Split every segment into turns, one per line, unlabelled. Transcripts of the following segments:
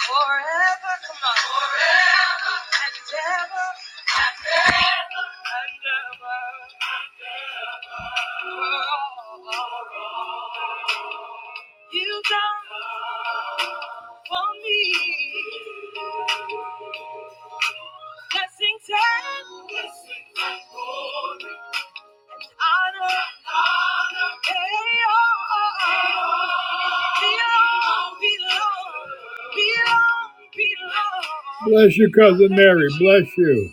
Forever, come on. Forever and ever. Belong, belong. Bless you, cousin Mary. Bless you.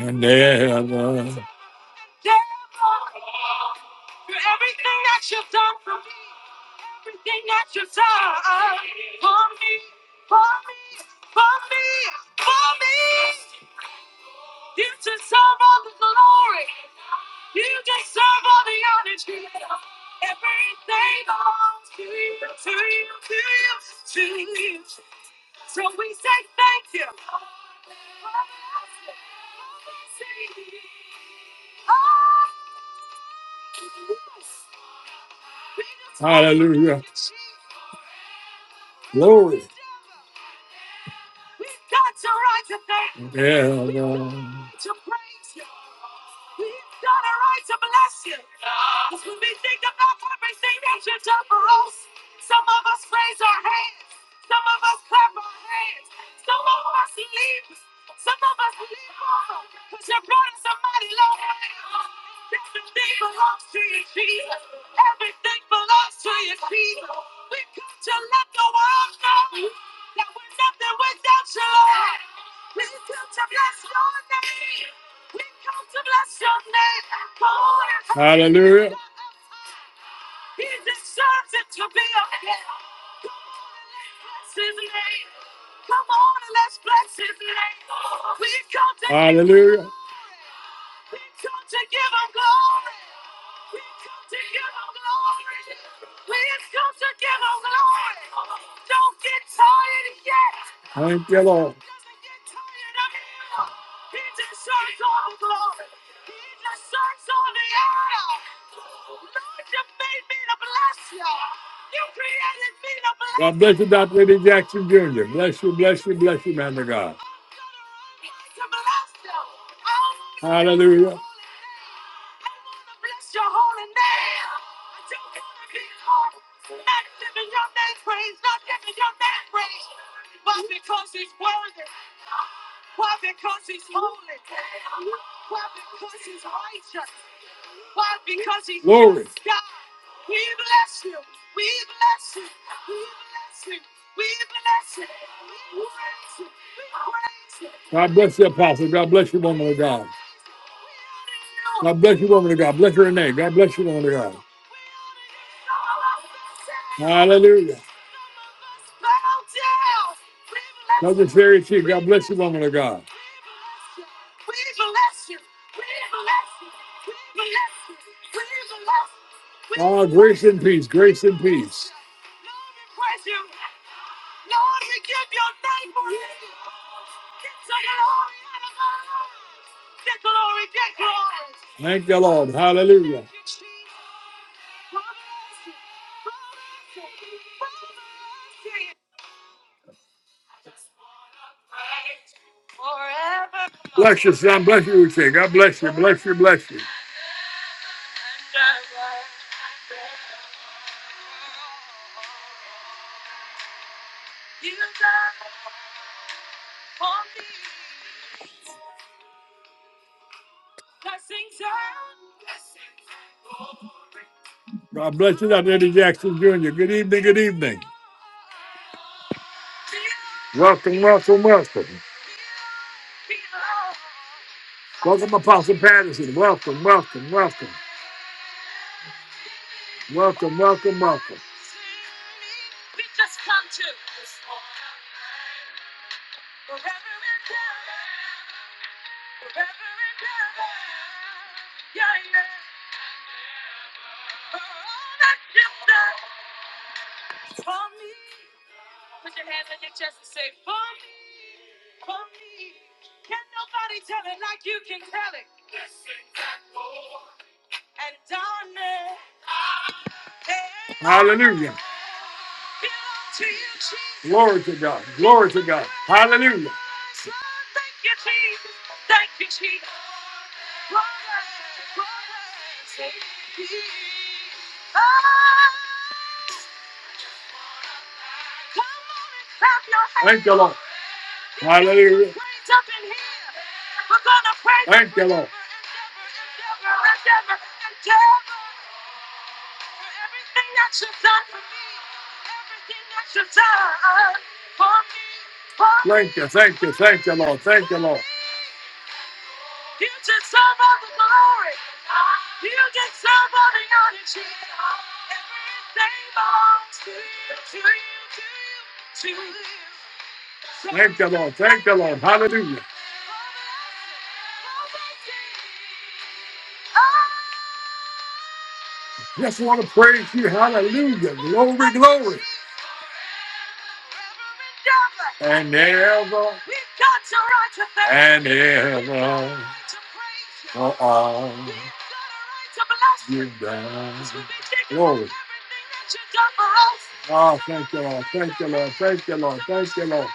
And ever. Hallelujah. Glory. Ever. Thank you, Lord. He God bless you, Dr. Eddie Jackson Jr. Bless you, bless you, bless you, man of God. Hallelujah. Glory. God bless you, Apostle. God bless you, woman of God. God bless you, woman of God. Bless your name. God bless you, woman of God. Hallelujah. Brother Sherry Chief, God bless you, woman of God. Ah, grace and peace, grace and peace. Thank the Lord. Hallelujah. Bless you, son. Bless you, Uche. God bless you. Bless you. Bless you. God bless you, Dr. Eddie Jackson Jr. Good evening. Good evening. Welcome, welcome, welcome. Welcome, Apostle Patterson. Welcome, welcome, welcome. Welcome, welcome, welcome. Hallelujah. Glory to God. Glory to God. Hallelujah. Thank you, Lord. Hallelujah. Thank you, Lord. Thank you, thank you, thank you, Lord. Thank you, Lord. Thank you, Lord. Thank you, Lord. Hallelujah. Just want to praise you. Hallelujah. Glory, glory. And ever. And ever. For all. You've done. Glory. Oh, thank you, Lord. Thank you, Lord. Thank you, Lord. Thank you, Lord.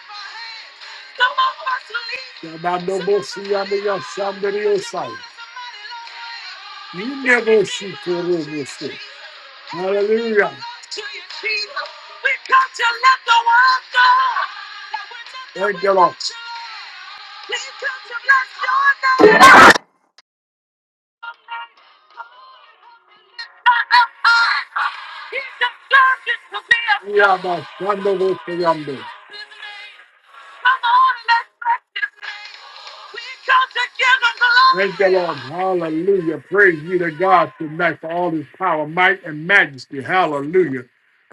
Now, no more see under your somebody else. Hallelujah. Thank you, Lord. We are the wonderful Yambo. Thank the Lord. Hallelujah. Praise be to God tonight for all his power, might, and majesty. Hallelujah.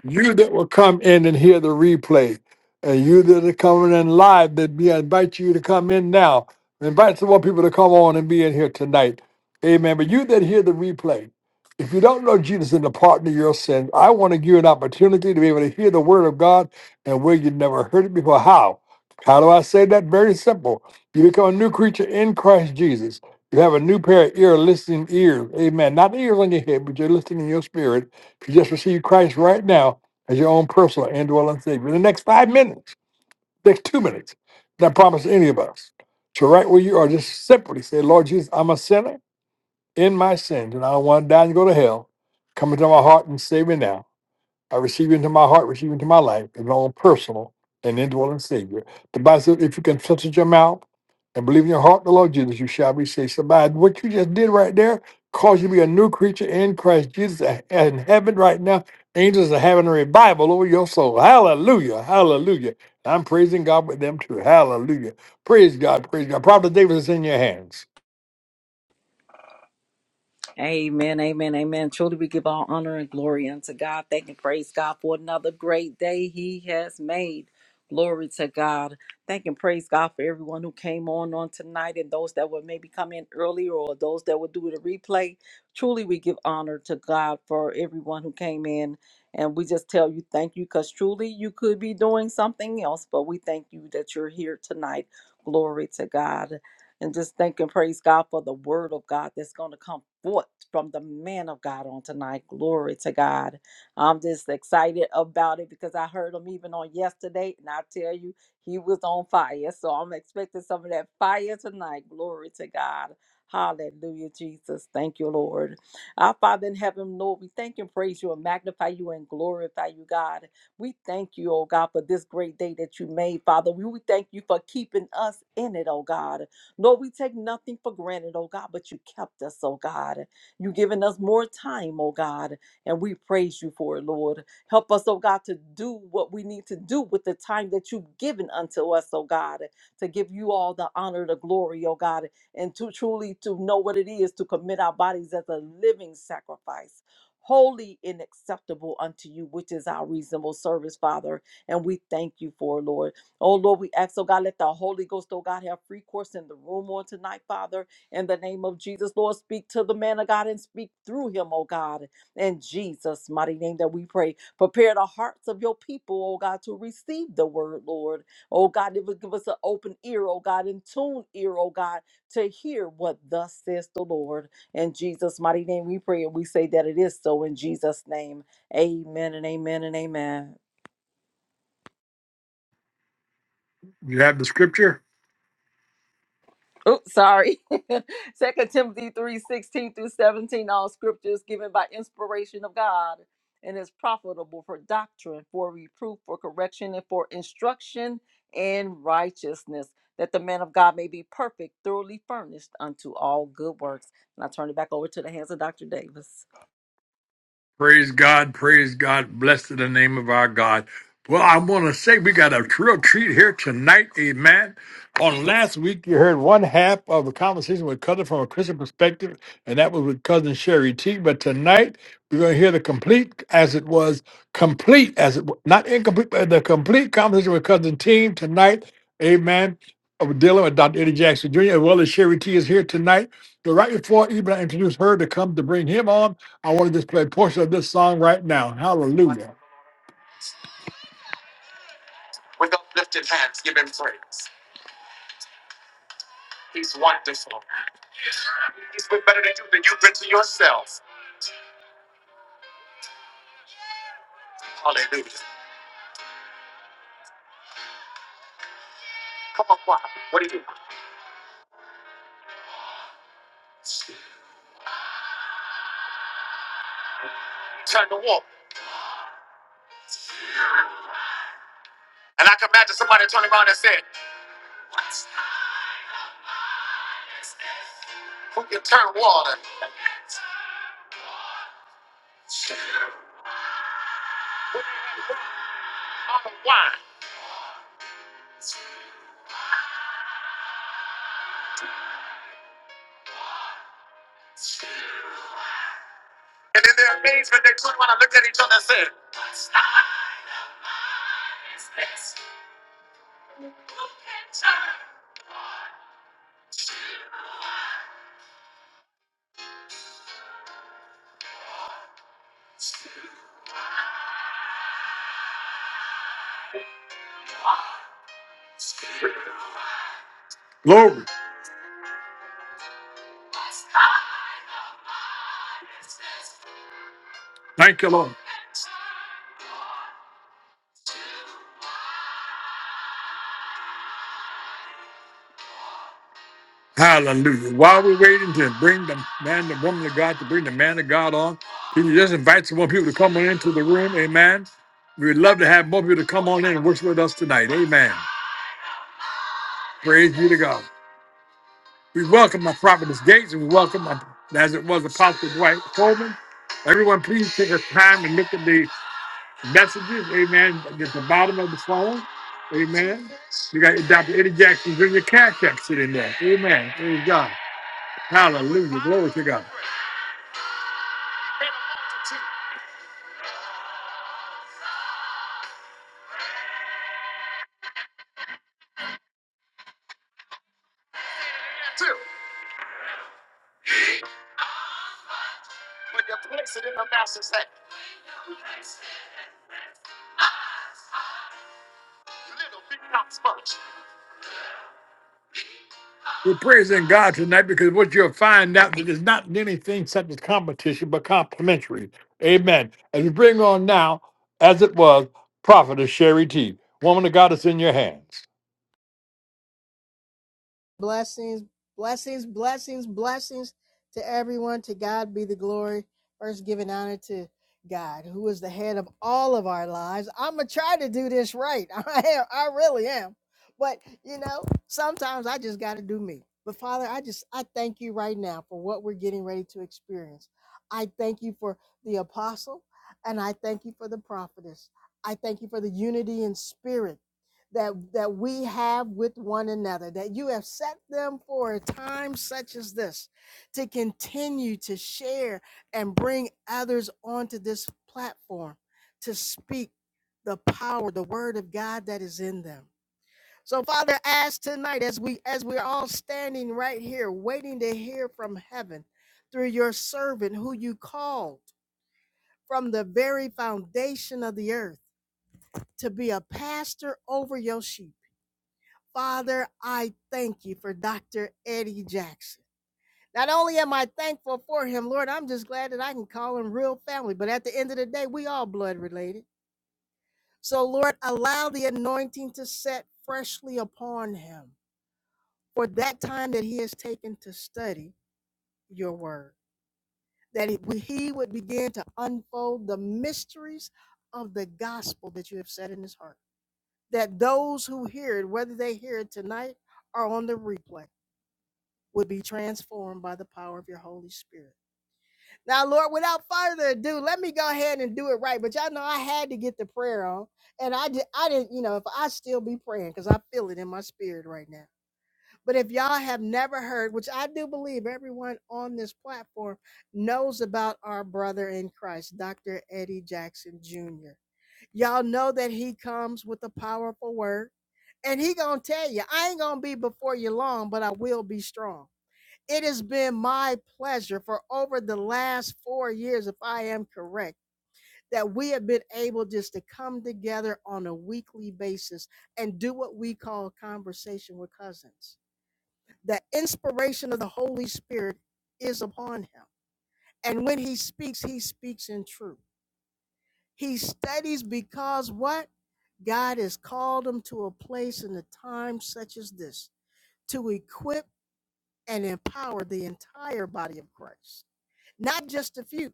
You that will come in and hear the replay, and you that are coming in live, that we invite you to come in now. Invite some more people to come on and be in here tonight. Amen. But you that hear the replay, if you don't know Jesus and the pardon of your sins, I want to give you an opportunity to be able to hear the word of God and where you never heard it before. How? How do I say that? Very simple. You become a new creature in Christ Jesus. You have a new pair of ear listening ears. Amen. Not the ears on your head, but you're listening in your spirit. If you just receive Christ right now as your own personal indwelling Savior in the next five minutes, next two minutes, not promise to any of us. So, right where you are, just simply say, Lord Jesus, I'm a sinner in my sins, and I don't want to die and go to hell. Come into my heart and save me now. I receive you into my heart, receive you into my life, as my own personal and indwelling Savior. The Bible says, if you confess with your mouth and believe in your heart the Lord Jesus, you shall be saved. So by what you just did right there cause you to be a new creature in Christ Jesus in heaven right now. Angels are having a revival over your soul. Hallelujah. Hallelujah. I'm praising God with them too. Hallelujah. Praise God. Praise God. Prophet David is in your hands.
Amen, amen, amen. Truly, we give all honor and glory unto God. Thank and praise God for another great day He has made. Glory to God. Thank and praise God for everyone who came on on tonight and those that would maybe come in earlier or those that would do the replay. Truly, we give honor to God for everyone who came in. And we just tell you thank you because truly you could be doing something else, but we thank you that you're here tonight. Glory to God and just thank and praise God for the word of God that's going to come forth from the man of God on tonight. Glory to God. I'm just excited about it because I heard him even on yesterday, and I tell you, he was on fire. So I'm expecting some of that fire tonight. Glory to God. Hallelujah, Jesus. Thank you, Lord. Our Father in heaven, Lord, we thank and praise you and magnify you and glorify you, God. We thank you, oh God, for this great day that you made, Father. We we thank you for keeping us in it, oh God. Lord, we take nothing for granted, oh God, but you kept us, oh God. You've given us more time, oh God, and we praise you for it, Lord. Help us, oh God, to do what we need to do with the time that you've given unto us, oh God, to give you all the honor, the glory, oh God, and to truly to know what it is to commit our bodies as a living sacrifice. Holy and acceptable unto you, which is our reasonable service, Father. And we thank you for, it, Lord. Oh Lord, we ask, oh God, let the Holy Ghost, oh God, have free course in the room on tonight, Father. In the name of Jesus, Lord, speak to the man of God and speak through him, oh God. In Jesus' mighty name that we pray. Prepare the hearts of your people, oh God, to receive the word, Lord. Oh God, give us give us an open ear, oh God, and tuned ear, oh God, to hear what thus says the Lord. In Jesus' mighty name we pray and we say that it is so in Jesus' name. Amen and amen and amen.
You have the scripture?
Oops, sorry. Second Timothy three sixteen through seventeen. All scriptures given by inspiration of God and is profitable for doctrine, for reproof, for correction, and for instruction in righteousness, that the man of God may be perfect, thoroughly furnished unto all good works. And I turn it back over to the hands of Dr. Davis.
Praise God, praise God, blessed the name of our God. Well, I want to say we got a real treat here tonight, amen. On last week, you heard one half of a conversation with Cousin from a Christian perspective, and that was with Cousin Sherry T. But tonight, we're going to hear the complete, as it was, complete, as it was, not incomplete, but the complete conversation with Cousin Team tonight, amen. Of dealing with Dr. Eddie Jackson Jr., as well as Sherry T is here tonight. So, right before even I introduced her to come to bring him on, I want to just play a portion of this song right now. Hallelujah. Glory. Thank you, Lord. Hallelujah. While we're waiting to bring the man, the woman of God, to bring the man of God on, can you just invite some more people to come on into the room? Amen. We would love to have more people to come on in and worship with us tonight. Amen. Praise be to God. We welcome my prophetess Gates and we welcome my, as it was Apostle Dwight Coleman. Everyone, please take a time and look at the messages, amen, at the bottom of the phone, amen. You got Dr. Eddie Jackson Jr. Cash App sitting there, amen. Praise God. Hallelujah. Glory to God. We're praising God tonight because what you'll find out that it's not anything such as competition, but complimentary. Amen. And we bring on now, as it was, Prophetess Sherry T. Woman of God, it's in your hands.
Blessings, blessings, blessings, blessings to everyone. To God be the glory. First, giving honor to God, who is the head of all of our lives. I'm gonna try to do this right. I am. I really am. But you know, sometimes I just got to do me. But Father, I just I thank you right now for what we're getting ready to experience. I thank you for the apostle, and I thank you for the prophetess. I thank you for the unity in spirit that that we have with one another that you have set them for a time such as this to continue to share and bring others onto this platform to speak the power the word of God that is in them so father as tonight as we as we're all standing right here waiting to hear from heaven through your servant who you called from the very foundation of the earth to be a pastor over your sheep Father, I thank you for Dr. Eddie Jackson. Not only am I thankful for him, Lord, I'm just glad that I can call him real family. But at the end of the day, we all blood related. So, Lord, allow the anointing to set freshly upon him for that time that he has taken to study your word, that he would begin to unfold the mysteries of the gospel that you have set in his heart, that those who hear it, whether they hear it tonight or on the replay, would be transformed by the power of your Holy Spirit. Now, Lord, without further ado, let me go ahead and do it right. But y'all know I had to get the prayer on, and I did. I didn't, you know, if I still be praying because I feel it in my spirit right now. But if y'all have never heard, which I do believe everyone on this platform knows about our brother in Christ, Dr. Eddie Jackson Jr. Y'all know that he comes with a powerful word, and he gonna tell you, I ain't gonna be before you long, but I will be strong. It has been my pleasure for over the last four years, if I am correct, that we have been able just to come together on a weekly basis and do what we call conversation with cousins. The inspiration of the Holy Spirit is upon him. And when he speaks, he speaks in truth. He studies because what? God has called him to a place in a time such as this to equip and empower the entire body of Christ not just a few,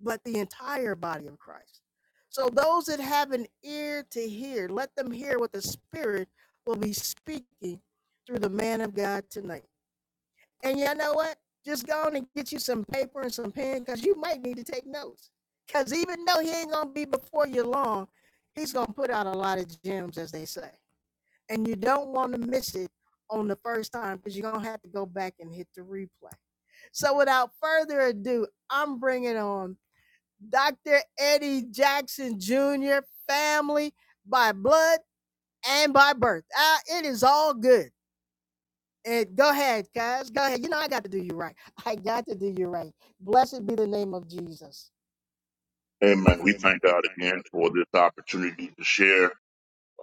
but the entire body of Christ. So those that have an ear to hear, let them hear what the Spirit will be speaking through the man of God tonight. And you know what? Just go on and get you some paper and some pen because you might need to take notes. Because even though he ain't going to be before you long, he's going to put out a lot of gems, as they say and you don't want to miss it on the first time because you're gonna have to go back and hit the replay. So without further ado, I'm bringing on Dr. Eddie Jackson Jr. Family by blood and by birth. Ah, it is all good. And go ahead, guys. Go ahead. You know I got to do you right. I got to do you right. Blessed be the name of Jesus.
Amen. We thank God again for this opportunity to share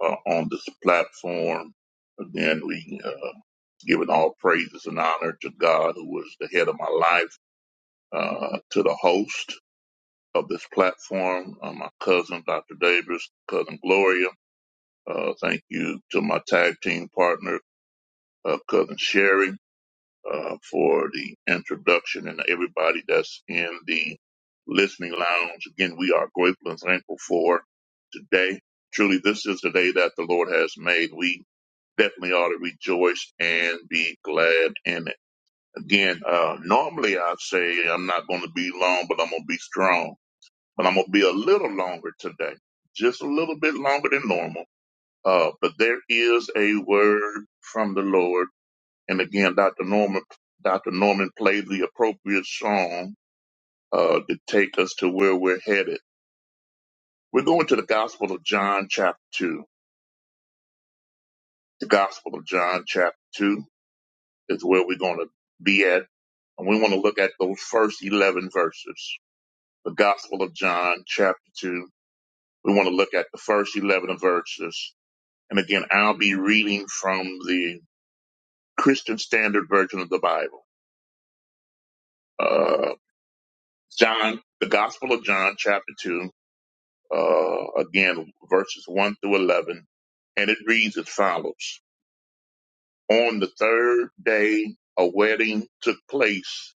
uh, on this platform. Again, we uh, giving all praises and honor to God, who was the head of my life, uh, to the host of this platform, uh, my cousin Dr. Davis, cousin Gloria. Uh, thank you to my tag team partner, uh, cousin Sherry. uh, for the introduction and everybody that's in the listening lounge. Again, we are grateful and thankful for today. Truly, this is the day that the Lord has made. We definitely ought to rejoice and be glad in it. Again, uh, normally I say I'm not going to be long, but I'm going to be strong. But I'm going to be a little longer today, just a little bit longer than normal. Uh, but there is a word from the Lord and again, Dr. Norman, Dr. Norman played the appropriate song uh, to take us to where we're headed. We're going to the Gospel of John, chapter two. The Gospel of John, chapter two, is where we're going to be at, and we want to look at those first eleven verses. The Gospel of John, chapter two. We want to look at the first eleven verses, and again, I'll be reading from the Christian Standard Version of the Bible. Uh, John, the Gospel of John, chapter 2. uh, again, verses 1 through 11, and it reads as follows. On the third day, a wedding took place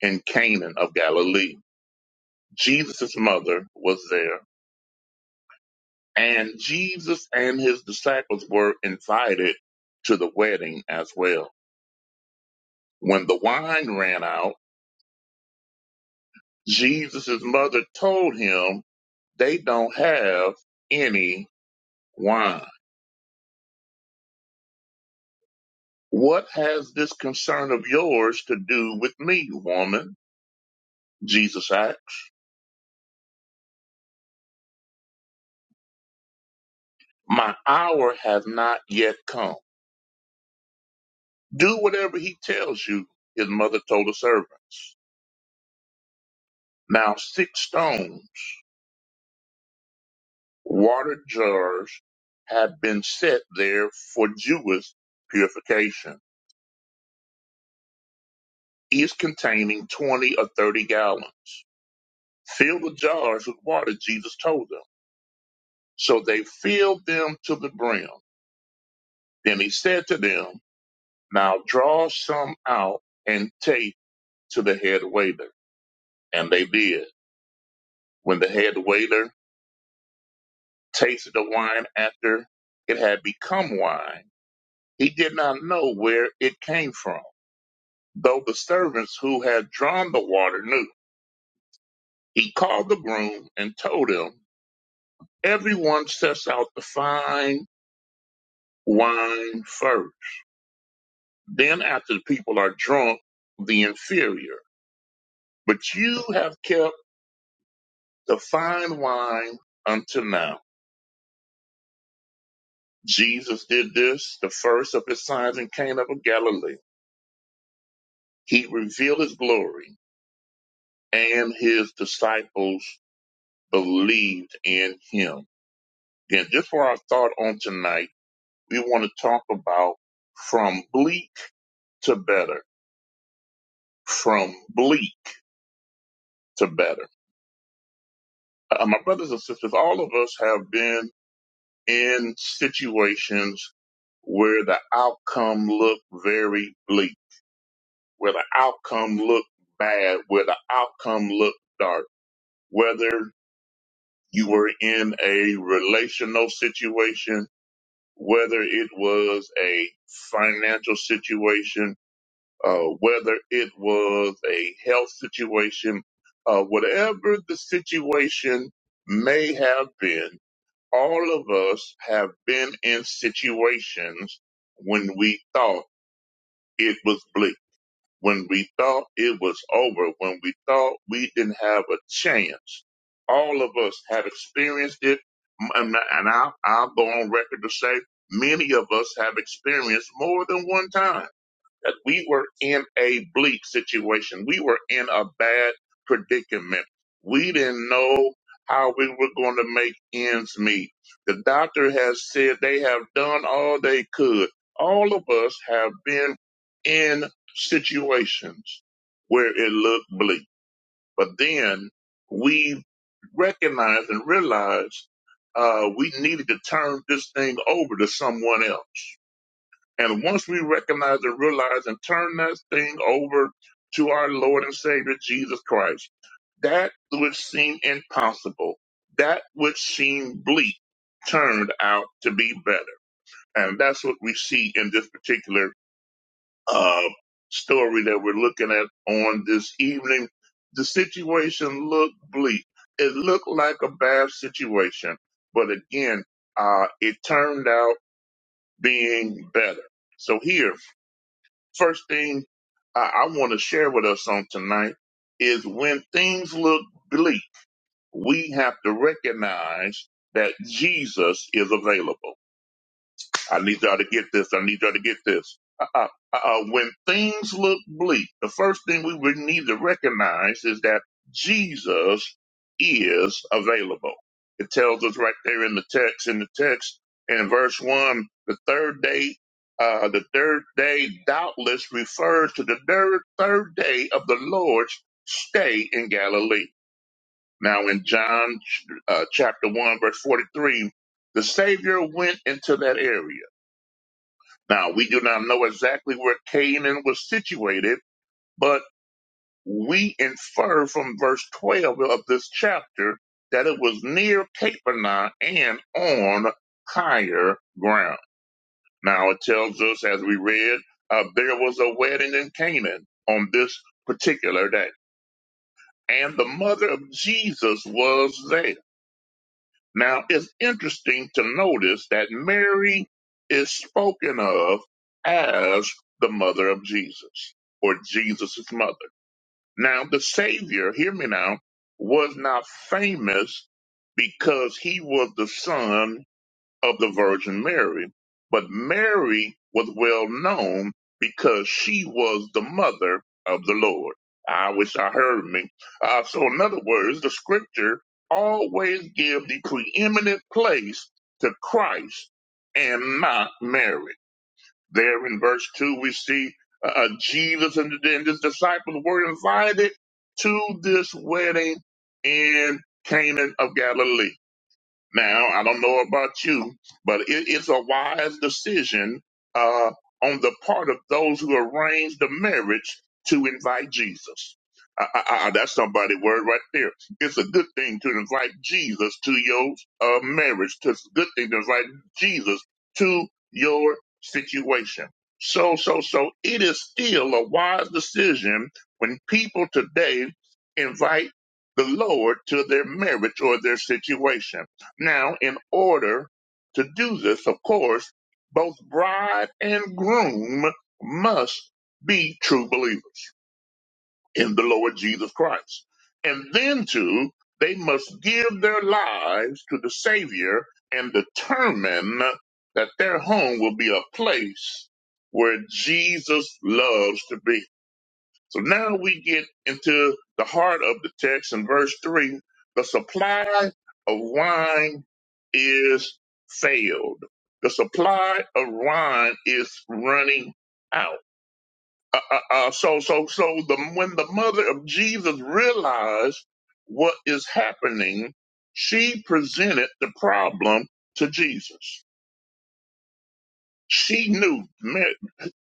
in Canaan of Galilee. Jesus' mother was there, and Jesus and his disciples were invited to the wedding as well. When the wine ran out, Jesus' mother told him they don't have any wine. What has this concern of yours to do with me, woman? Jesus asked. My hour has not yet come. Do whatever he tells you, his mother told the servants. Now six stones, water jars, have been set there for Jewish purification, each containing 20 or 30 gallons. Fill the jars with water, Jesus told them. So they filled them to the brim. Then he said to them, Now draw some out and take to the head waiter. And they did. When the head waiter tasted the wine after it had become wine, he did not know where it came from, though the servants who had drawn the water knew. He called the groom and told him, Everyone sets out the fine wine first. Then, after the people are drunk, the inferior. But you have kept the fine wine until now. Jesus did this, the first of his signs in Cana of Galilee. He revealed his glory, and his disciples believed in him. Again, just for our thought on tonight, we want to talk about from bleak to better, from bleak to better. Uh, my brothers and sisters, all of us have been in situations where the outcome looked very bleak where the outcome looked bad, where the outcome looked dark, whether you were in a relational situation, whether it was a financial situation, uh, whether it was a health situation, uh, whatever the situation may have been, all of us have been in situations when we thought it was bleak When we thought it was over, when we thought we didn't have a chance, all of us have experienced it. And and I, I'll go on record to say many of us have experienced more than one time that we were in a bleak situation. We were in a bad predicament. We didn't know how we were going to make ends meet. The doctor has said they have done all they could. All of us have been in situations where it looked bleak, but then we recognized and realized uh, we needed to turn this thing over to someone else and once we recognize and realize and turn that thing over to our Lord and Savior Jesus Christ, that which seemed impossible, that which seemed bleak, turned out to be better. And that's what we see in this particular uh, story that we're looking at on this evening. The situation looked bleak. It looked like a bad situation, but again, uh, it turned out being better. So here, first thing I, I want to share with us on tonight is when things look bleak, we have to recognize that Jesus is available. I need y'all to get this. I need y'all to get this. Uh-uh. Uh-uh. When things look bleak, the first thing we would need to recognize is that Jesus is available. It tells us right there in the text, in the text, in verse one, the third day, uh, the third day doubtless refers to the third, third day of the Lord's stay in Galilee. Now in John uh, chapter one, verse 43, the Savior went into that area now, we do not know exactly where Canaan was situated, but we infer from verse 12 of this chapter that it was near Capernaum and on higher ground. Now, it tells us, as we read, uh, there was a wedding in Canaan on this particular day, and the mother of Jesus was there. Now, it's interesting to notice that Mary is spoken of as the mother of Jesus or Jesus' mother. Now, the Savior, hear me now, was not famous because he was the son of the Virgin Mary. But Mary was well known because she was the mother of the Lord. I wish I heard me. Uh, so, in other words, the scripture always give the preeminent place to Christ and not Mary. There in verse 2, we see uh, uh, Jesus and, and his disciples were invited to this wedding in Canaan of Galilee. Now, I don't know about you, but it is a wise decision uh, on the part of those who arrange the marriage to invite Jesus. I, I, I, that's somebody word right there. It's a good thing to invite Jesus to your uh, marriage. It's a good thing to invite Jesus to your situation. So, so, so it is still a wise decision when people today invite the Lord to their marriage or their situation now, in order to do this, of course, both bride and groom must be true believers in the Lord Jesus Christ. And then, too, they must give their lives to the Savior and determine that their home will be a place where Jesus loves to be. So now we get into the heart of the text in verse 3 the supply of wine is failed. The supply of wine is running out. Uh, uh, uh, so, so, so the, when the mother of Jesus realized what is happening, she presented the problem to Jesus. She knew,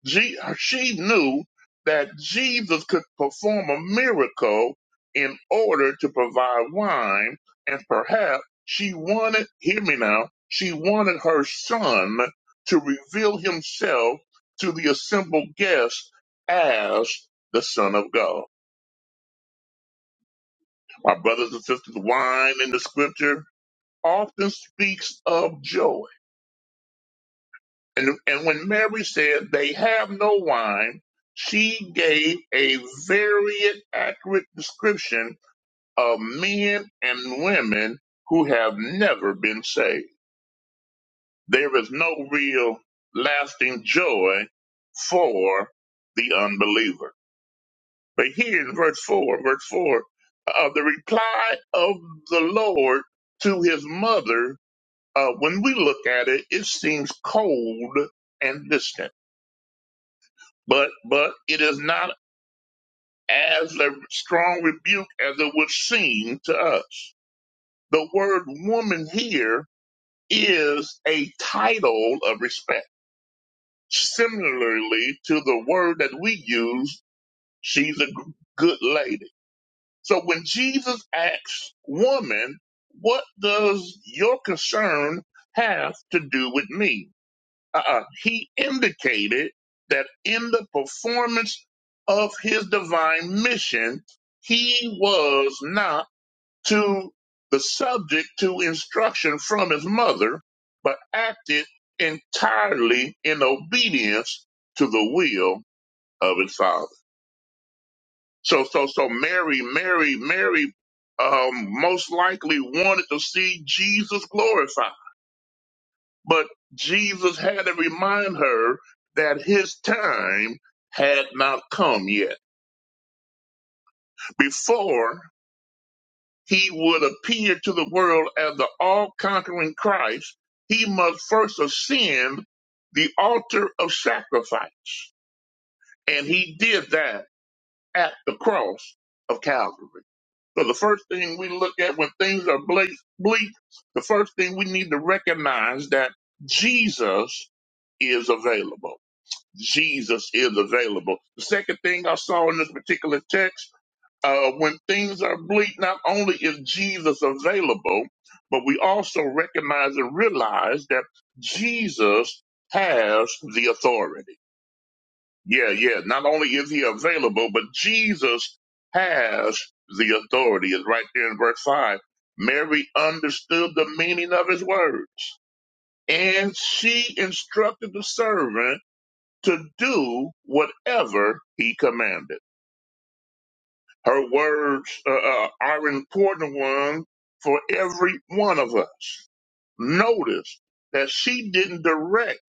G- she knew that Jesus could perform a miracle in order to provide wine, and perhaps she wanted, hear me now, she wanted her son to reveal himself to the assembled guests as the Son of God. My brothers and sisters, wine in the scripture often speaks of joy And, and when Mary said, They have no wine, she gave a very accurate description of men and women who have never been saved. There is no real lasting joy for the unbeliever. But here in verse 4, verse 4, uh, the reply of the Lord to his mother, uh, when we look at it, it seems cold and distant but but it is not as a strong rebuke as it would seem to us. The word woman here is a title of respect, similarly to the word that we use, she's a g- good lady. So when Jesus asks woman, what does your concern have to do with me? Uh-uh. He indicated that in the performance of his divine mission, he was not to the subject to instruction from his mother, but acted entirely in obedience to the will of his father. So, so, so Mary, Mary, Mary, um, most likely wanted to see Jesus glorified But Jesus had to remind her that his time had not come yet. Before he would appear to the world as the all conquering Christ, he must first ascend the altar of sacrifice. And he did that at the cross of Calvary. So the first thing we look at when things are bleak, bleak the first thing we need to recognize that Jesus is available. Jesus is available. The second thing I saw in this particular text, uh, when things are bleak, not only is Jesus available, but we also recognize and realize that Jesus has the authority. Yeah, yeah. Not only is he available, but Jesus has the authority. Is right there in verse five. Mary understood the meaning of his words, and she instructed the servant to do whatever he commanded. Her words uh, uh, are important one for every one of us. Notice that she didn't direct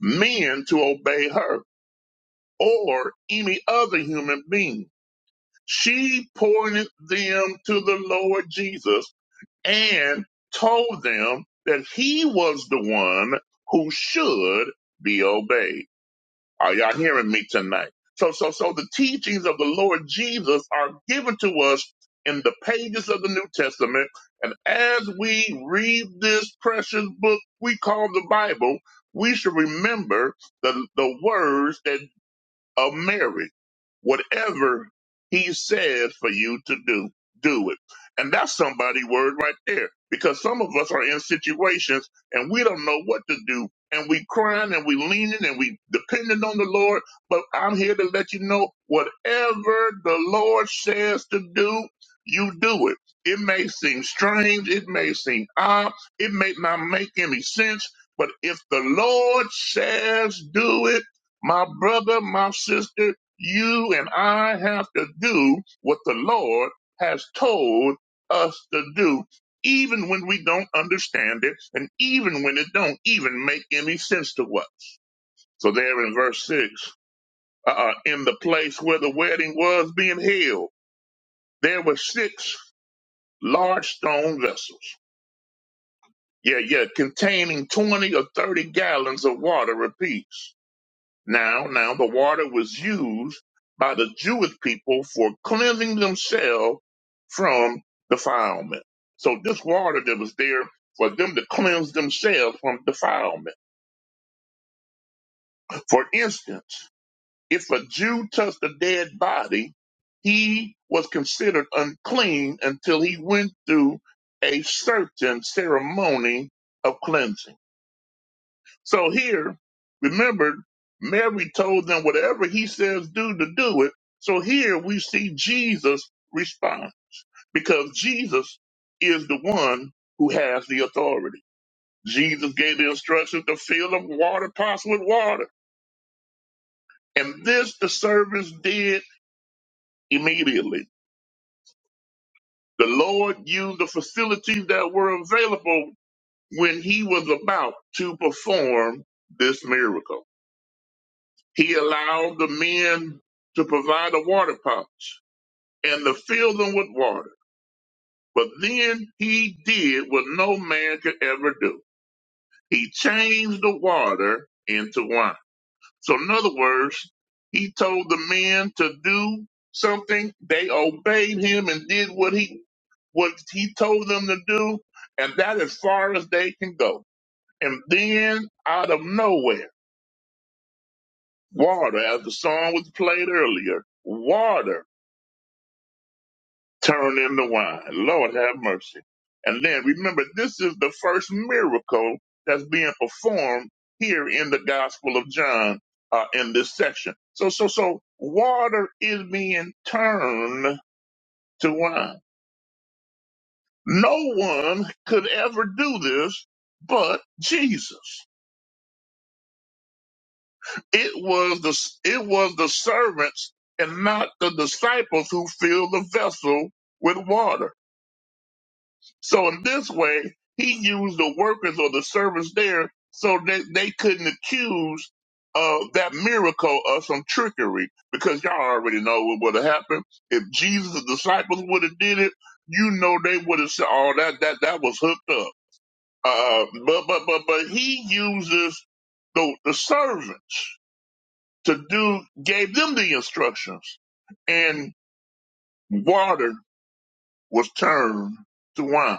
men to obey her or any other human being. She pointed them to the Lord Jesus and told them that he was the one who should be obeyed. Are y'all hearing me tonight? So, so, so the teachings of the Lord Jesus are given to us in the pages of the New Testament. And as we read this precious book we call the Bible, we should remember the, the words that of marriage. Whatever he said for you to do, do it. And that's somebody word right there. Because some of us are in situations and we don't know what to do. And we crying and we leaning and we depending on the Lord. But I'm here to let you know whatever the Lord says to do, you do it. It may seem strange. It may seem odd. It may not make any sense. But if the Lord says do it, my brother, my sister, you and I have to do what the Lord has told us to do, even when we don't understand it and even when it don't even make any sense to us. So there in verse six, uh, in the place where the wedding was being held, there were six large stone vessels. Yeah, yeah, containing 20 or 30 gallons of water apiece. Now, now the water was used by the Jewish people for cleansing themselves from defilement. So this water that was there for them to cleanse themselves from defilement. For instance, if a Jew touched a dead body, he was considered unclean until he went through a certain ceremony of cleansing. So here, remember, Mary told them whatever he says do to do it. So here we see Jesus respond because Jesus is the one who has the authority. Jesus gave the instructions to fill the water pots with water. And this the servants did immediately. The Lord used the facilities that were available when he was about to perform this miracle. He allowed the men to provide the water pots and to fill them with water. But then he did what no man could ever do. He changed the water into wine. So in other words, he told the men to do something. They obeyed him and did what he what he told them to do, and that as far as they can go. And then out of nowhere, water, as the song was played earlier, water turn into wine. Lord have mercy. And then remember, this is the first miracle that's being performed here in the Gospel of John uh, in this section. So, so, so water is being turned to wine. No one could ever do this but Jesus. It was the it was the servants and not the disciples who filled the vessel with water. So in this way, he used the workers or the servants there so that they couldn't accuse uh, that miracle of some trickery because y'all already know what would have happened. If Jesus' the disciples would have did it, you know they would have said, oh, that, that, that was hooked up. Uh, but, but, but, but he uses the, the servants to do, gave them the instructions and water was turned to wine.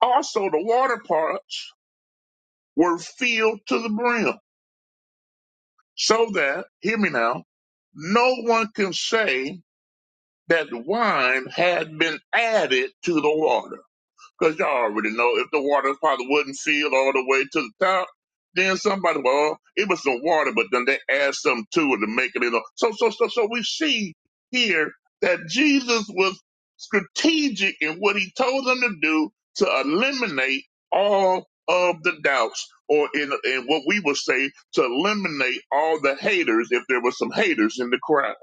Also the water parts were filled to the brim, so that, hear me now, no one can say that wine had been added to the water. Because y'all already know if the water probably wouldn't filled all the way to the top, then somebody, well, it was some water, but then they add something to it to make it, you know. So, so, so, so we see here that Jesus was strategic in what he told them to do to eliminate all of the doubts, or in, in what we would say, to eliminate all the haters if there were some haters in the crowd.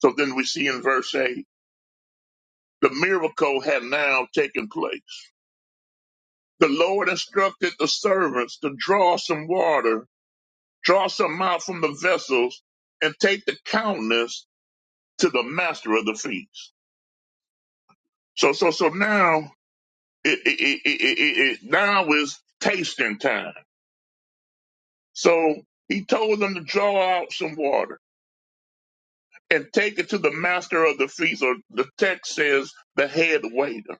So then we see in verse 8, the miracle had now taken place The Lord instructed the servants to draw some water, draw some out from the vessels, and take the countenance to the master of the feast. So, so, so now it, it, it, it, it, it now is tasting time. So he told them to draw out some water and take it to the master of the feast, or the text says the head waiter.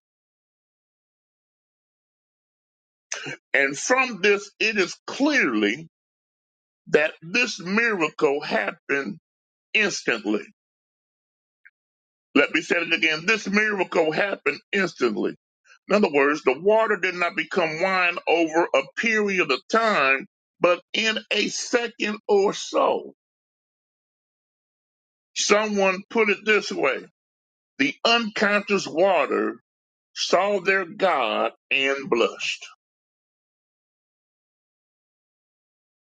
And from this, it is clearly that this miracle happened instantly Let me say it again. This miracle happened instantly. In other words, the water did not become wine over a period of time, but in a second or so. Someone put it this way the unconscious water saw their God and blushed.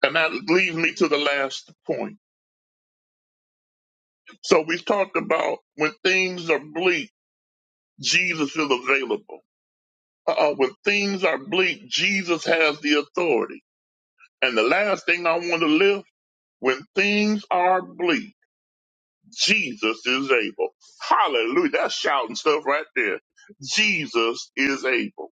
And that leads me to the last point. So we've talked about when things are bleak, Jesus is available. Uh, when things are bleak, Jesus has the authority. And the last thing I want to lift, when things are bleak, Jesus is able. Hallelujah. That's shouting stuff right there. Jesus is able.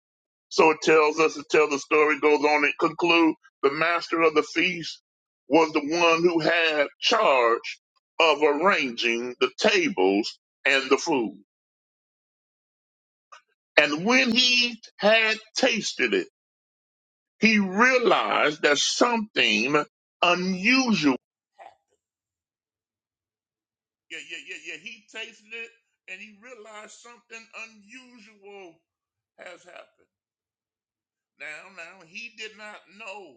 So it tells us, it tells the story, goes on and conclude the master of the feast was the one who had charge of arranging the tables and the food. And when he had tasted it, he realized that something unusual Yeah, yeah, yeah, yeah. He tasted it and he realized something unusual has happened. Now, now, he did not know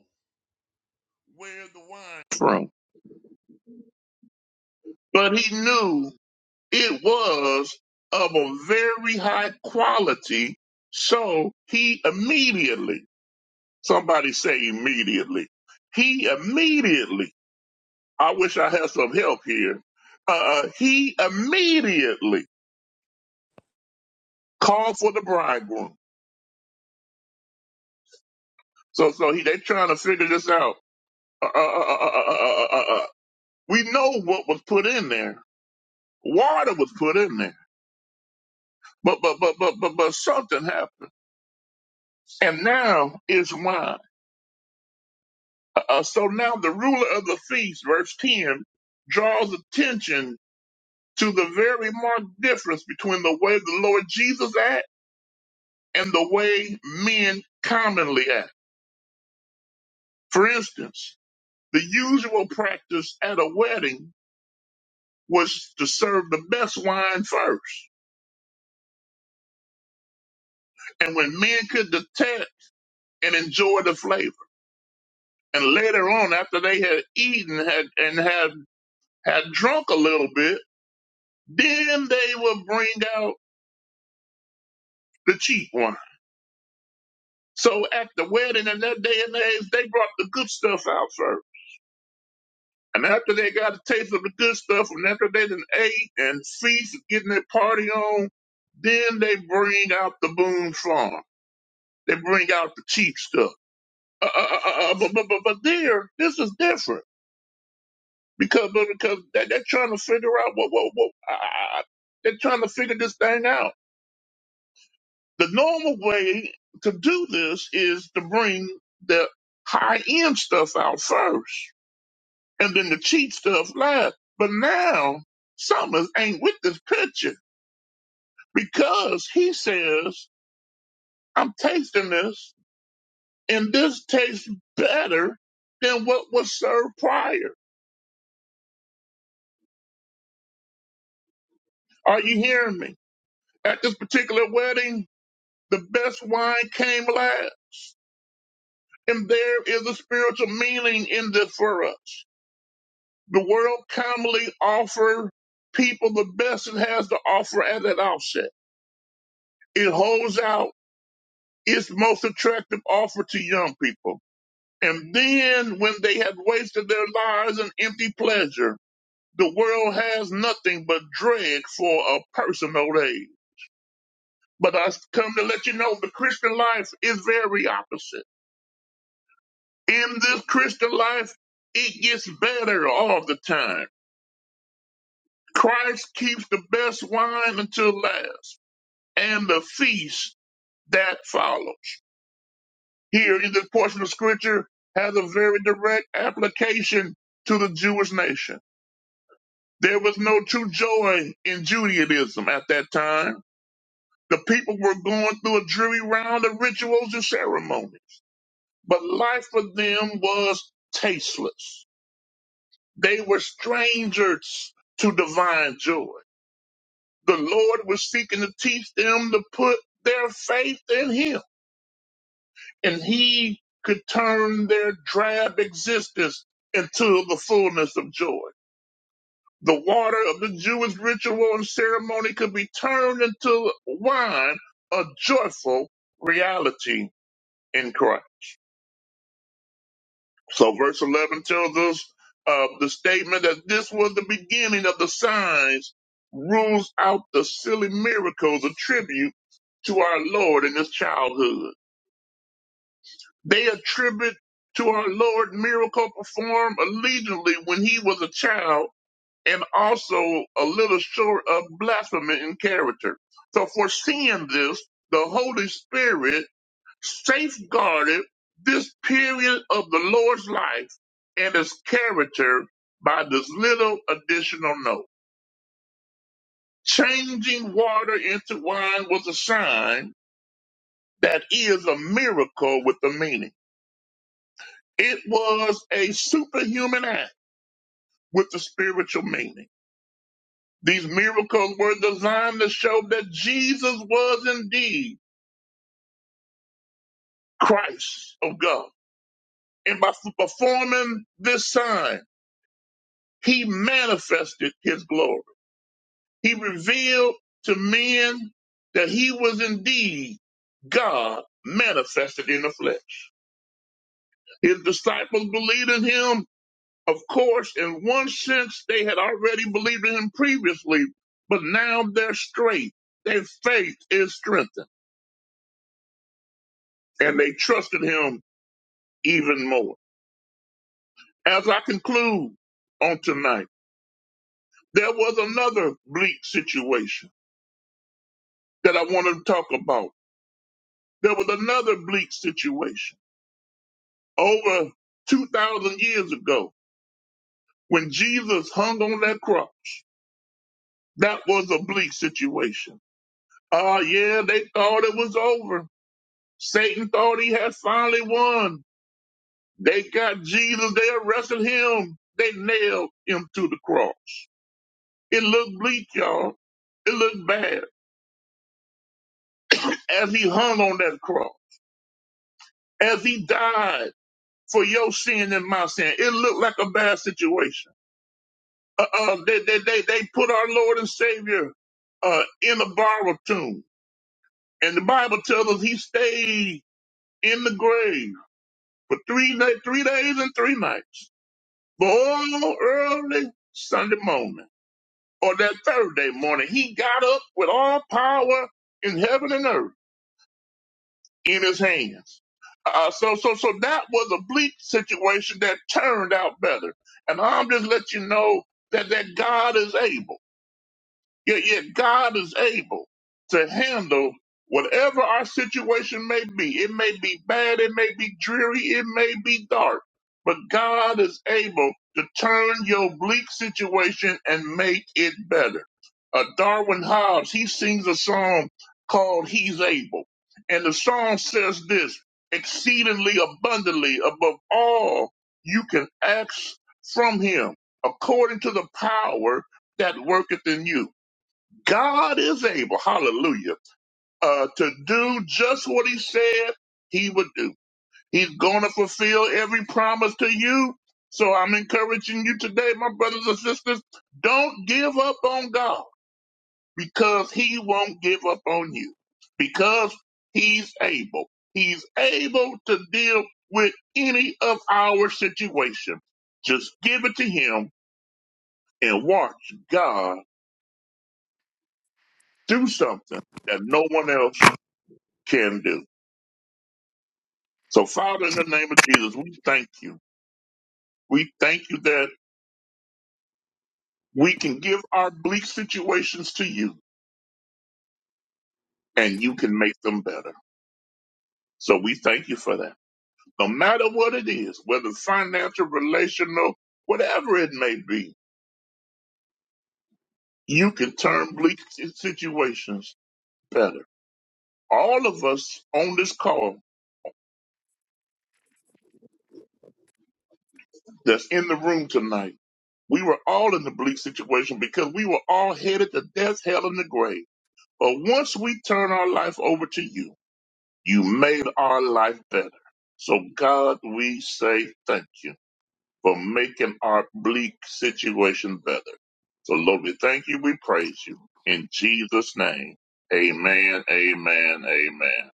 where the wine came from, but he knew it was of a very high quality. So he immediately, somebody say immediately, he immediately, I wish I had some help here. Uh, he immediately called for the bridegroom So so he they trying to figure this out. Uh, uh, uh, uh, uh, uh, uh, uh. uh. We know what was put in there. Water was put in there. But but but but but but something happened, and now is wine. Uh, uh, so now the ruler of the feast, verse ten, draws attention to the very marked difference between the way the Lord Jesus act and the way men commonly act. For instance, the usual practice at a wedding was to serve the best wine first. and when men could detect and enjoy the flavor. And later on, after they had eaten had, and had had drunk a little bit, then they would bring out the cheap wine. So at the wedding in that day and age, they brought the good stuff out first. And after they got a taste of the good stuff, and after they done ate and feast, getting their party on, then they bring out the Boone Farm. They bring out the cheap stuff. Uh, uh, uh, uh, uh, but, but, but, but there, this is different because no, because they- they're trying to figure out what what what I- I- they're trying to figure this thing out. The normal way to do this is to bring the high end stuff out first, and then the cheap stuff last. But now Summers ain't with this picture because he says I'm tasting this, and this tastes better than what was served prior. Are you hearing me? At this particular wedding, the best wine came last And there is a spiritual meaning in this for us. The world commonly offers people the best it has to offer at that outset. It holds out its most attractive offer to young people. And then when they have wasted their lives in empty pleasure, the world has nothing but dread for a person old age. But I come to let you know the Christian life is very opposite. In this Christian life, it gets better all the time Christ keeps the best wine until last and the feast that follows. Here in this portion of scripture has a very direct application to the Jewish nation. There was no true joy in Judaism at that time. The people were going through a dreary round of rituals and ceremonies, but life for them was tasteless. They were strangers to divine joy. the Lord was seeking to teach them to put their faith in Him. And He could turn their drab existence into the fullness of joy. The water of the Jewish ritual and ceremony could be turned into wine, a joyful reality in Christ. So, verse 11 tells us of the statement that this was the beginning of the signs, rules out the silly miracles attributed to our Lord in his childhood They attribute to our Lord miracle performed allegedly when he was a child and also a little short of blasphemy in character. So foreseeing this, the Holy Spirit safeguarded this period of the Lord's life and his character by this little additional note. Changing water into wine was a sign that is a miracle with a meaning. It was a superhuman act with the spiritual meaning. These miracles were designed to show that Jesus was indeed Christ of God. And by f- performing this sign, he manifested his glory. He revealed to men that he was indeed God manifested in the flesh. His disciples believed in him, of course, in one sense, they had already believed in him previously, but now they're straight. Their faith is strengthened. and they trusted him even more. As I conclude on tonight, there was another bleak situation that I wanted to talk about. There was another bleak situation over 2,000 years ago when Jesus hung on that cross. That was a bleak situation. Ah, yeah, they thought it was over. Satan thought he had finally won. They got Jesus. They arrested him. They nailed him to the cross. It looked bleak, y'all. It looked bad. As he hung on that cross, as he died for your sin and my sin, it looked like a bad situation. Uh, uh, they, they, they, they put our Lord and Savior uh, in a borrowed tomb. And the Bible tells us he stayed in the grave for three, na- three days and three nights. But all early Sunday morning, or that Thursday morning, he got up with all power in heaven and earth in his hands. Uh, so, so, so that was a bleak situation that turned out better. And I'm just let you know that that God is able. Yet, yet God is able to handle whatever our situation may be. It may be bad, it may be dreary, it may be dark, but God is able to turn your bleak situation and make it better. Uh, Darwin Hobbs, he sings a song called He's Able. And the song says this exceedingly abundantly above all you can ask from him, according to the power that worketh in you. God is able, hallelujah, uh, to do just what he said he would do. He's going to fulfill every promise to you. So I'm encouraging you today, my brothers and sisters, don't give up on God because he won't give up on you because he's able. He's able to deal with any of our situation. Just give it to him and watch God do something that no one else can do. So, Father, in the name of Jesus, we thank you. We thank you that we can give our bleak situations to you and you can make them better. So, we thank you for that. No matter what it is, whether financial, relational, whatever it may be, you can turn bleak si- situations better. All of us on this call that's in the room tonight, we were all in the bleak situation because we were all headed to death, hell, and the grave. But once we turn our life over to you, You made our life better. So, God, we say thank you for making our bleak situation better. So, Lord, we thank you. We praise you. In Jesus' name, amen, amen, amen.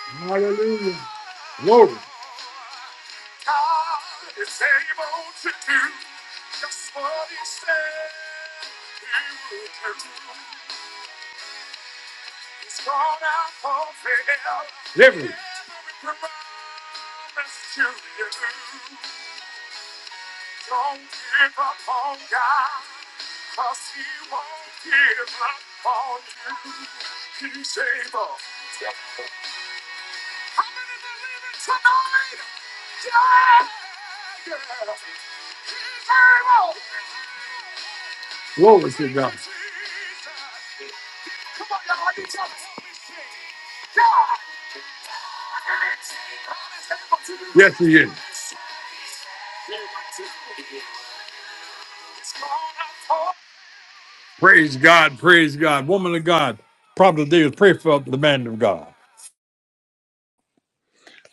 Hallelujah. Glory. Liberty. Glory to God. Yes, he is. Praise God, praise God. Woman of God, probably today is pray for the man of God.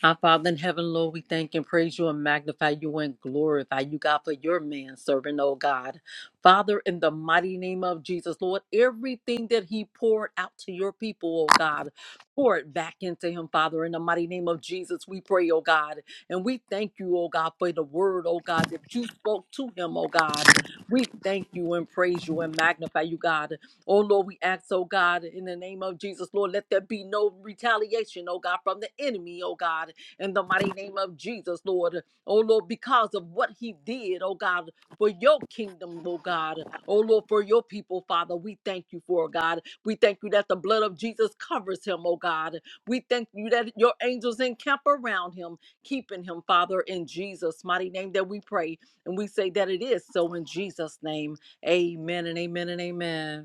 Our Father in heaven, Lord, we thank and praise you and magnify you and glorify you, God, for your man servant, oh God. Father, in the mighty name of Jesus, Lord, everything that he poured out to your people, oh God, pour it back into him, Father. In the mighty name of Jesus, we pray, oh God. And we thank you, oh God, for the word, oh God, that you spoke to him, oh God. We thank you and praise you and magnify you, God. Oh Lord, we ask, oh God, in the name of Jesus, Lord, let there be no retaliation, oh God, from the enemy, oh God, in the mighty name of Jesus, Lord. Oh Lord, because of what he did, oh God, for your kingdom, oh God. Oh Lord, for your people, Father, we thank you for, God. We thank you that the blood of Jesus covers him, oh God. We thank you that your angels encamp around him, keeping him, Father, in Jesus' mighty name that we pray. And we say that it is so in Jesus' name. Amen and amen and amen.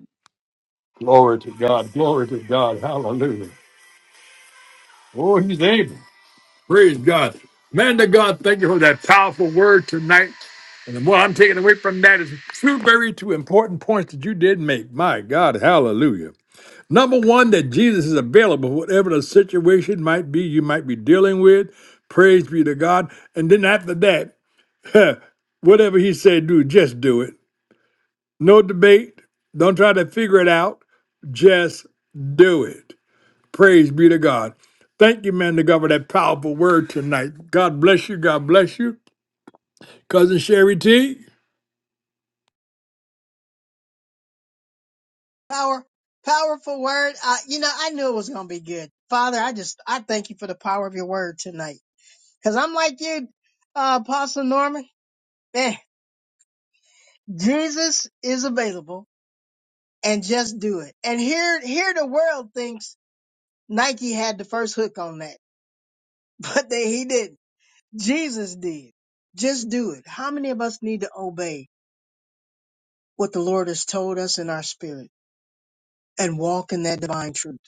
Glory to God, glory to God, hallelujah. Oh, he's able. Praise God. Man of God, thank you for that powerful word tonight. And what I'm taking away from that is two very two important points that you did make. My God, hallelujah. Number one, that Jesus is available, whatever the situation might be you might be dealing with. Praise be to God. And then after that, whatever he said, do, just do it. No debate. Don't try to figure it out. Just do it. Praise be to God. Thank you, man, to God, for that powerful word tonight. God bless you. God bless you. Cousin Sherry T.
Power, powerful word. Uh, you know I knew it was gonna be good. Father, I just I thank you for the power of your word tonight. Cause I'm like you, uh, Apostle Norman. Man, Jesus is available and just do it. And here, here the world thinks Nike had the first hook on that, but they, he didn't. Jesus did. Just do it. How many of us need to obey what the Lord has told us in our spirit and walk in that divine truth?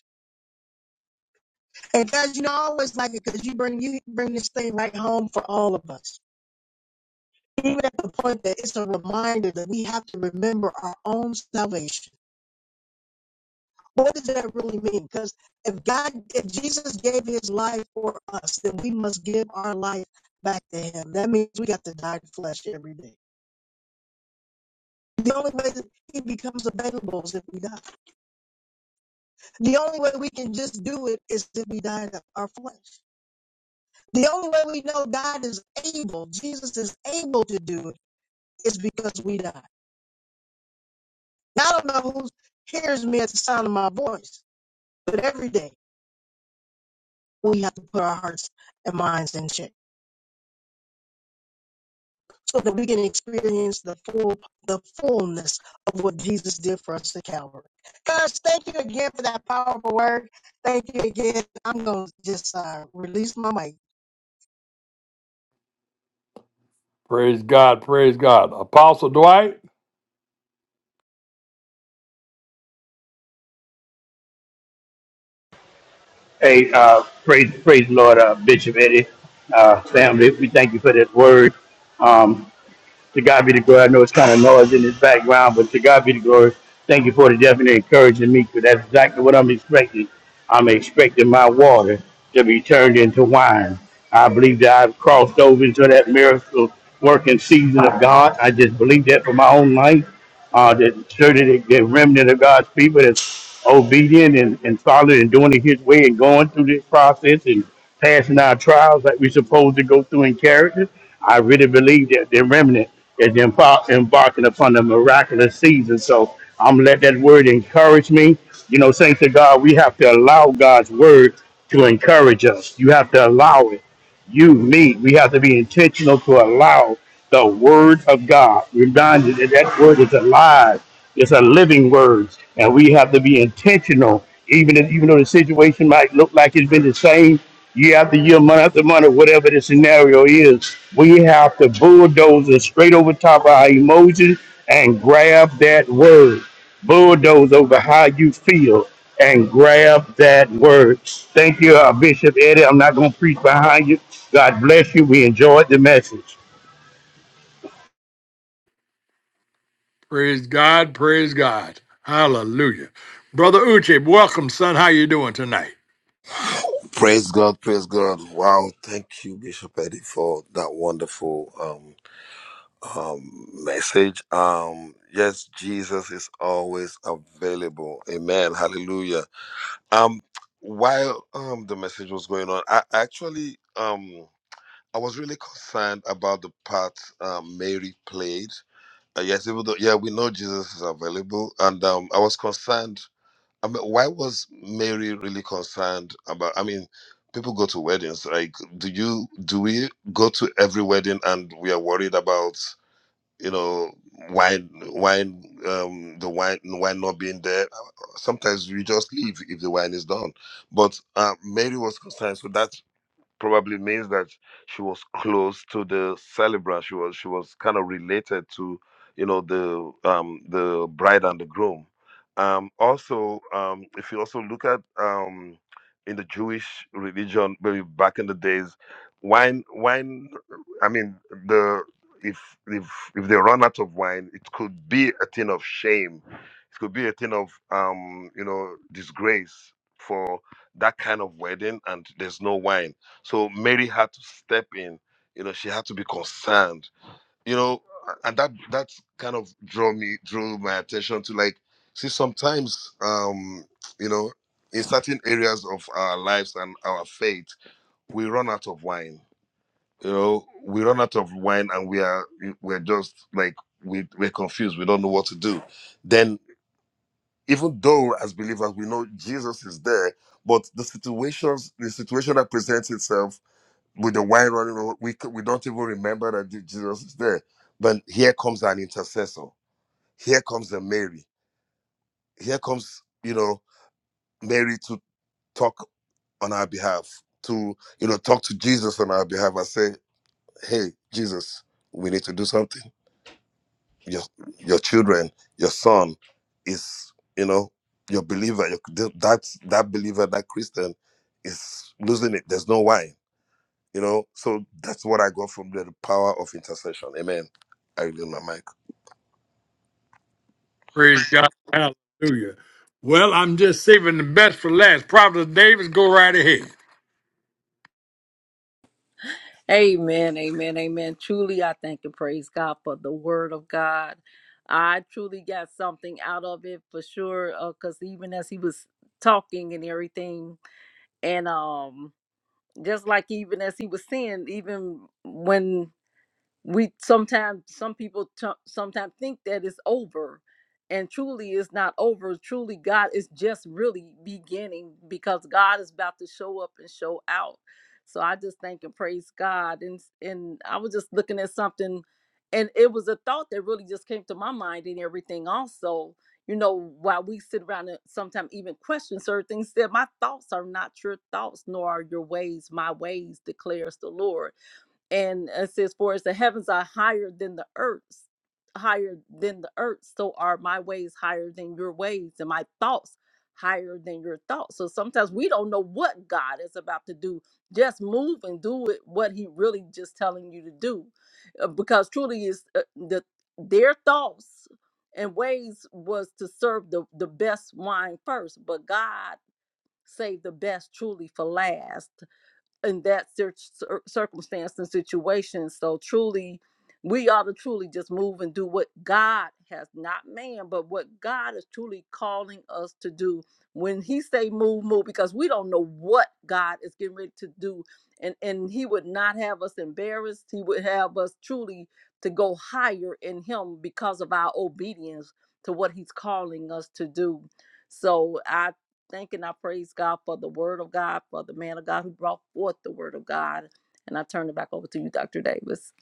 And guys, you know, I always like it because you bring, you bring this thing right home for all of us. Even at the point that it's a reminder that we have to remember our own salvation What does that really mean? Because if God, if Jesus gave his life for us, then we must give our life back to him. That means we got to die to flesh every day. The only way that he becomes available is if we die. The only way we can just do it is if we die to our flesh. The only way we know God is able, Jesus is able to do it, is because we die. Now, I don't know who hears me at the sound of my voice, but every day we have to put our hearts and minds in check. so that we can experience the full the fullness of what Jesus did for us at Calvary. Guys, thank you again for that powerful word. Thank you again. I'm gonna just uh, release my mic.
Praise God. Praise God. Apostle Dwight.
Hey, uh, praise, praise the Lord, uh, Bishop Eddie, uh, family. We thank you for that word. Um, to God be the glory. I know it's kind of noise in this background, but to God be the glory. Thank you for the definite encouraging me, because that's exactly what I'm expecting. I'm expecting my water to be turned into wine. I believe that I've crossed over into that miracle working season of God. I just believe that for my own life. Uh, that sure that the the remnant of God's people that's obedient and, and solid and doing it His way and going through this process and passing our trials like we're supposed to go through in character. I really believe that the remnant is embar- embarking upon a miraculous season. So I'm gonna let that word encourage me. You know, thanks to God, we have to allow God's word to encourage us. You have to allow it you, me, we have to be intentional to allow the word of God. Reminded that that word is alive, it's a living word, and we have to be intentional. Even if, even though the situation might look like it's been the same year after year, month after month, or whatever the scenario is, we have to bulldoze it straight over top of our emotions and grab that word bulldoze over how you feel and grab that word. Thank you, uh, Bishop Eddie. I'm not going to preach behind you. God bless you. We enjoyed the message.
Praise God. Praise God. Hallelujah. Brother Uche, welcome, son. How you doing tonight?
Praise God, praise God. Wow, thank you, Bishop Eddie, for that wonderful um, um, message. Um, yes, Jesus is always available. Amen. Hallelujah. Um, while um, the message was going on, I actually um, I was really concerned about the part um, Mary played. Uh, yes, even though yeah, we know Jesus is available, and um, I was concerned I mean, why was Mary really concerned about? I mean, people go to weddings. Like, do you do we go to every wedding and we are worried about you know wine wine um the wine wine not being there? Sometimes you just leave if the wine is done. But uh, Mary was concerned, so that probably means that she was close to the celebrant. She was she was kind of related to you know the um, the bride and the groom. Um, also, um, if you also look at um, in the Jewish religion, maybe back in the days, wine wine. I mean the if if if they run out of wine, it could be a thing of shame. It could be a thing of um, you know disgrace for that kind of wedding, and there's no wine so Mary had to step in. You know, she had to be concerned. You know, and that that kind of drew me drew my attention to like, see, sometimes, um, you know, in certain areas of our lives and our faith, we run out of wine. You know, we run out of wine, and we are we're just like we we're confused. We don't know what to do. Then, even though as believers we know Jesus is there, but the situations the situation that presents itself with the wine running over, we c- we don't even remember that Je- Jesus is there. But here comes an intercessor. Here comes a Mary. Here comes you know Mary to talk on our behalf, to you know talk to Jesus on our behalf and say, "Hey, Jesus, we need to do something. Your your children, your son, is you know your believer. Your, that that believer, that Christian, is losing it. There's no wine." You know, so that's what I got from the power of intercession. Amen. I yield my mic.
Praise God. Hallelujah. Well, I'm just saving the best for last. Prophet Davis, go right ahead.
Amen, amen, amen. Truly, I thank and praise God for the word of God. I truly got something out of it for sure. Because even as he was talking and everything, and um, just like even as he was saying, even when we sometimes some people t- sometimes think that it's over and truly it's not over truly god is just really beginning because god is about to show up and show out so i just thank and praise god and and i was just looking at something and it was a thought that really just came to my mind and everything also you know while we sit around and sometimes even question certain things said my thoughts are not your thoughts nor are your ways my ways declares the lord and it says for as the heavens are higher than the earth's higher than the earth so are my ways higher than your ways and my thoughts higher than your thoughts so sometimes we don't know what god is about to do just move and do it what he really just telling you to do Uh, because truly is uh, the their thoughts and ways was to serve the the best wine first but god saved the best truly for last in that cir- cir- circumstance and situation. So truly, we ought to truly just move and do what God has, not man, but what God is truly calling us to do. When He say move, move, because we don't know what God is getting ready to do, and and He would not have us embarrassed. He would have us truly to go higher in Him because of our obedience to what He's calling us to do. So I thank and I praise God for the word of God, for the man of God who brought forth the word of God. And I turn it back over to you, Dr. Davis.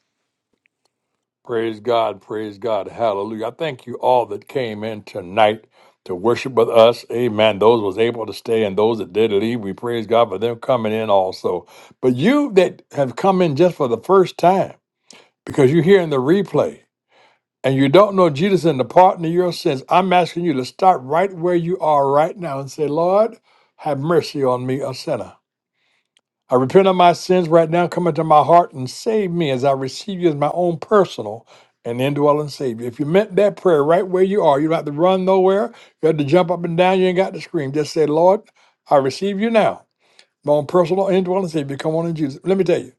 Praise God, praise God, hallelujah. I thank you all that came in tonight to worship with us. Amen. Those was able to stay and those that did leave, we praise God for them coming in also. But you that have come in just for the first time, because you're hearing the replay and you don't know Jesus and the pardon of your sins, I'm asking you to start right where you are right now and say, Lord, have mercy on me, a sinner. I repent of my sins right now. Come into my heart and save me as I receive you as my own personal and indwelling Savior. If you meant that prayer right where you are, you don't have to run nowhere. You have to jump up and down. You ain't got to scream. Just say, Lord, I receive you now. My own personal indwelling Savior. Come on in, Jesus. Let me tell you,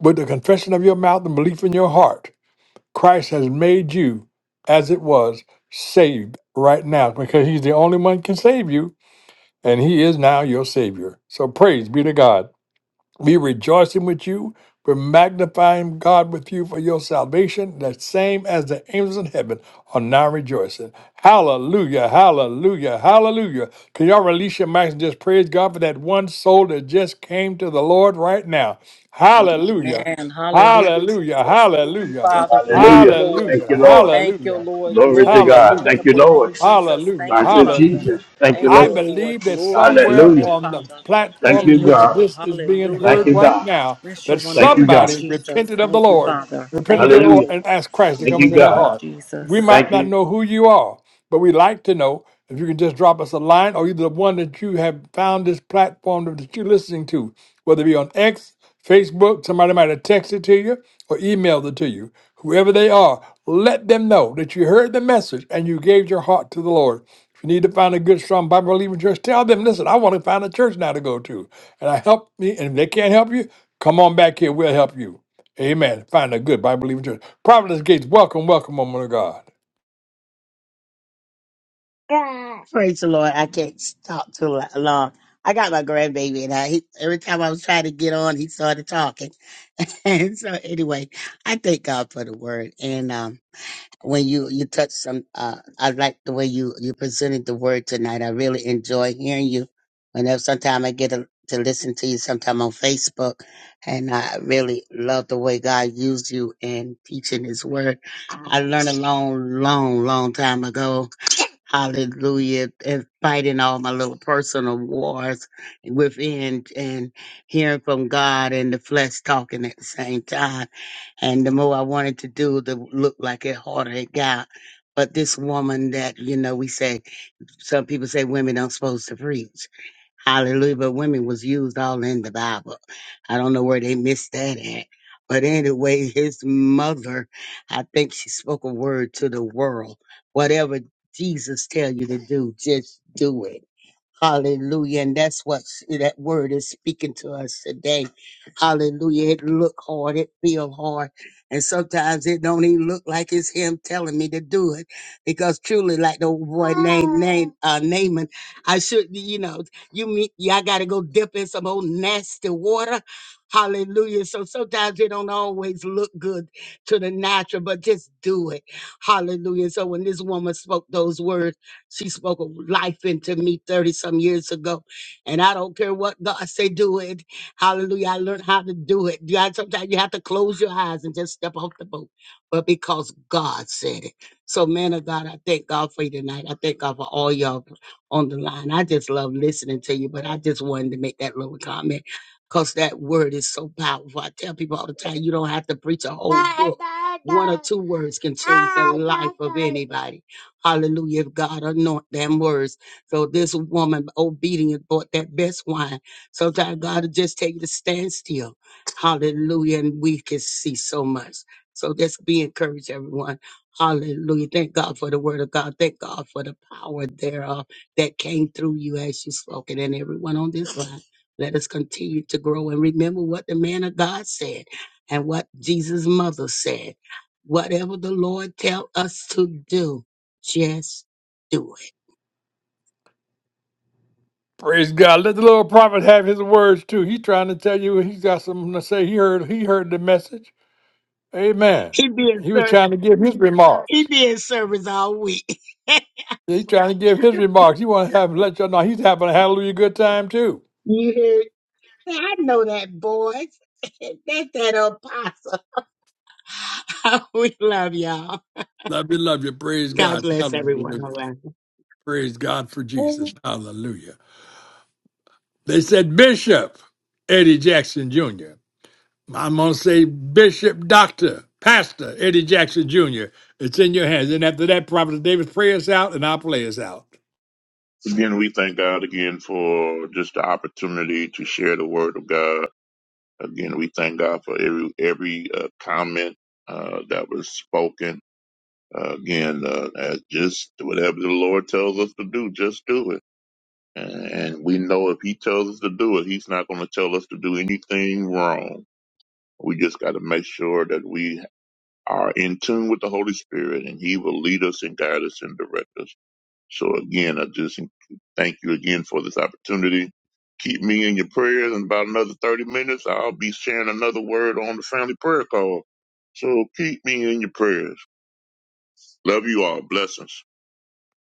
with the confession of your mouth and belief in your heart, Christ has made you as it was saved right now because he's the only one can save you and he is now your Savior. So praise be to God. We're rejoicing with you. We're magnifying God with you for your salvation, the same as the angels in heaven are now rejoicing. Hallelujah, hallelujah, hallelujah. Can y'all release your mics and just praise God for that one soul that just came to the Lord right now? Hallelujah,
Amen. Hallelujah,
hallelujah,
Jesus. Thank you,
hallelujah,
Father. Thank
Yeah.
you,
Hallelujah.
Lord.
Thank
hallelujah,
you, Lord.
Thank you,
hallelujah,
Lord.
Glory to
Glory to
God.
your
hallelujah.
Thank you,
wonderful name,
Lord.
Jesus.
Hallelujah.
Thank
I
you,
said
Father.
Hallelujah.
Jesus. Thank you,
Thank
I
you,
Lord.
Lord.
believe that
Glory to your
somewhere
Hallelujah.
name,
on the
Father.
Thank
platform
you,
Thank
in
you,
which
God.
Lord.
this is being
Thank
heard
Hallelujah.
you,
right
God.
now,
Bless your
that
Thank
wonderful
you, God.
name,
somebody
Jesus.
repented of the
Thank you,
Lord,
Father.
repented
Thank
of
you,
the Lord,
Hallelujah.
Lord.
and asked Christ to
Thank
come
you,
into their
Thank you,
God.
heart. We
Jesus.
might
Thank you.
not know who you are, but we'd like to know if you can just drop us a line or either the one that you have found this platform that you're listening to whether it be on X, Facebook, somebody might have texted to you or emailed it to you. Whoever they are, let them know that you heard the message and you gave your heart to the Lord. If you need to find a good, strong Bible believing church, tell them, listen, I want to find a church now to go to. And I help me. And if they can't help you, come on back here. We'll help you. Amen. Find a good Bible believing church. Providence Gates, welcome, welcome, woman of God.
God. Praise the Lord. I can't talk too lo- long. I got my grandbaby, and I, he, every time I was trying to get on, he started talking. and so, anyway, I thank God for the word. And um, when you you touch some, uh, I like the way you you presented the word tonight. I really enjoy hearing you. Whenever sometime I get a, to listen to you, sometime on Facebook, and I really love the way God used you in teaching His word. I learned a long, long, long time ago Hallelujah. And fighting all my little personal wars within and hearing from God and the flesh talking at the same time. And the more I wanted to do, the look like it harder it got. But this woman that, you know, we say some people say women aren't supposed to preach. Hallelujah. But women was used all in the Bible. I don't know where they missed that at. But anyway, his mother, I think she spoke a word to the world. Whatever Jesus tell you to do, just do it. Hallelujah. And that's what s- that word is speaking to us today. Hallelujah. It look hard. It feel hard. And sometimes it don't even look like it's him telling me to do it. Because truly, like the boy named name uh Naaman, I should, you know, you meet y'all gotta go dip in some old nasty water. Hallelujah. So sometimes it don't always look good to the natural, but just do it. Hallelujah. So when this woman spoke those words, she spoke of life into me 30 some years ago. And I don't care what God say, do it. Hallelujah. I learned how to do it. You got- Sometimes you have to close your eyes and just step off the boat. But because God said it. So, man of God, I thank God for you tonight. I thank God for all y'all on the line. I just love listening to you, but I just wanted to make that little comment because that word is so powerful. I tell people all the time, you don't have to preach a whole book. One or two words can change the life of anybody. Hallelujah. If God anoint them words. So this woman obedient bought that best wine. So that God will just take you to stand still. Hallelujah. And we can see so much. So just be encouraged, everyone. Hallelujah. Thank God for the word of God. Thank God for the power thereof that came through you as you spoke. And then everyone on this line, let us continue to grow and remember what the man of God said and what Jesus' mother said. Whatever the Lord tell us to do, just do it.
Praise God. Let the little prophet have his words too. He's trying to tell you he's got something to say. He heard he heard the message. Amen.
He be in
He was
service.
trying to give his
He
remarks.
be in service all week.
He's trying to give his remarks. He want to have let y'all know he's having a hallelujah good time too.
you hear? I know that voice. That's that apostle. we love y'all.
Love you, love you. Praise
God
God.
bless everyone
Hallelujah.
around.
Praise God for Jesus. Hallelujah. They said Bishop Eddie Jackson Jr. I'm gonna say Bishop Doctor Pastor Eddie Jackson Jr. It's in your hands. And after that, Prophet David, pray us out, and I'll play us out.
Again, we thank God again for just the opportunity to share the word of God. Again, we thank God for every every uh, comment uh, that was spoken. Uh, again, uh, as just whatever the Lord tells us to do, just do it. And we know if he tells us to do it, he's not going to tell us to do anything wrong. We just got to make sure that we are in tune with the Holy Spirit and he will lead us and guide us and direct us. So again, I just thank you again for this opportunity. Keep me in your prayers. In about another 30 minutes, I'll be sharing another word on the family prayer call. So keep me in your prayers. Love you all. Blessings.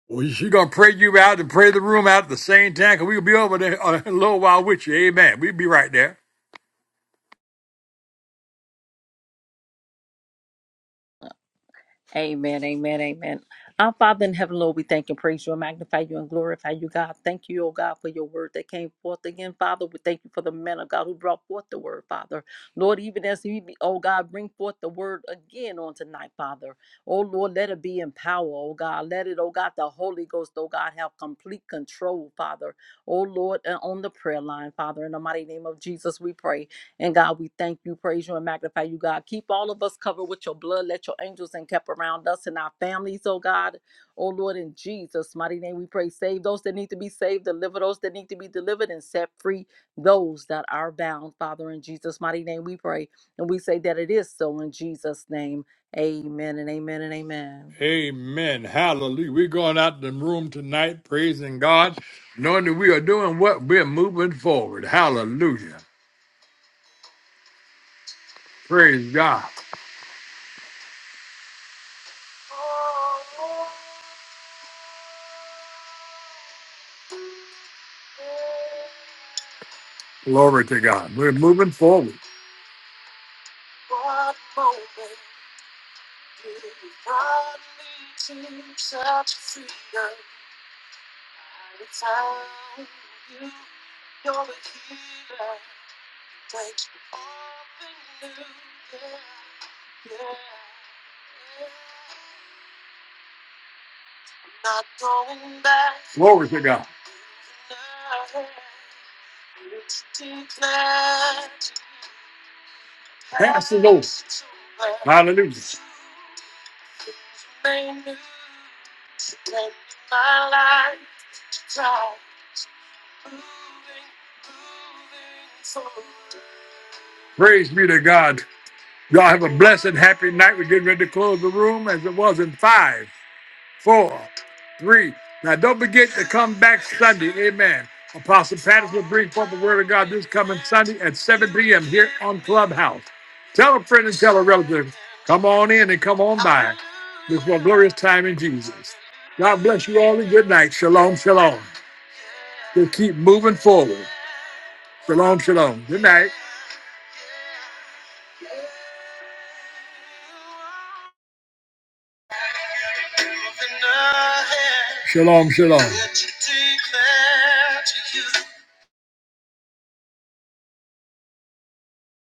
Well, she gonna pray you out and pray the room out at the same time, cause we'll be over there uh, a little while with you. Amen. We'll be right there.
Amen, amen, amen. Our Father in heaven, Lord, we thank and praise you and magnify you and glorify you, God. Thank you, oh God, for your word that came forth again, Father. We thank you for the man of God who brought forth the word, Father. Lord, even as he, be, oh God, bring forth the word again on tonight, Father. Oh Lord, let it be in power, oh God. Let it, oh God, the Holy Ghost, oh God, have complete control, Father. Oh Lord, and on the prayer line, Father, in the mighty name of Jesus, we pray. And God, we thank you, praise you, and magnify you, God. Keep all of us covered with your blood. Let your angels and kept around us and our families, oh God. Oh Lord, in Jesus' mighty name, we pray. Save those that need to be saved, deliver those that need to be delivered, and set free those that are bound. Father, in Jesus' mighty name, we pray. And we say that it is so in Jesus' name. Amen and amen and amen.
Amen. Hallelujah. We're going out the room tonight, praising God, knowing that we are doing what we're moving forward. Hallelujah. Praise God. Glory to God. We're moving forward. Glory to God. Pass it over. Hallelujah. Praise be to God. Y'all have a blessed, happy night. We're getting ready to close the room as it was in five. four, three. Now, don't forget to come back Sunday. Amen. Apostle Patterson will bring forth the word of God this coming Sunday at 7 p.m. here on Clubhouse. Tell a friend and tell a relative. Come on in and come on by. This is a glorious time in Jesus. God bless you all and good night. Shalom, shalom. Just keep moving forward. Shalom, shalom. Good night. Shalom, shalom.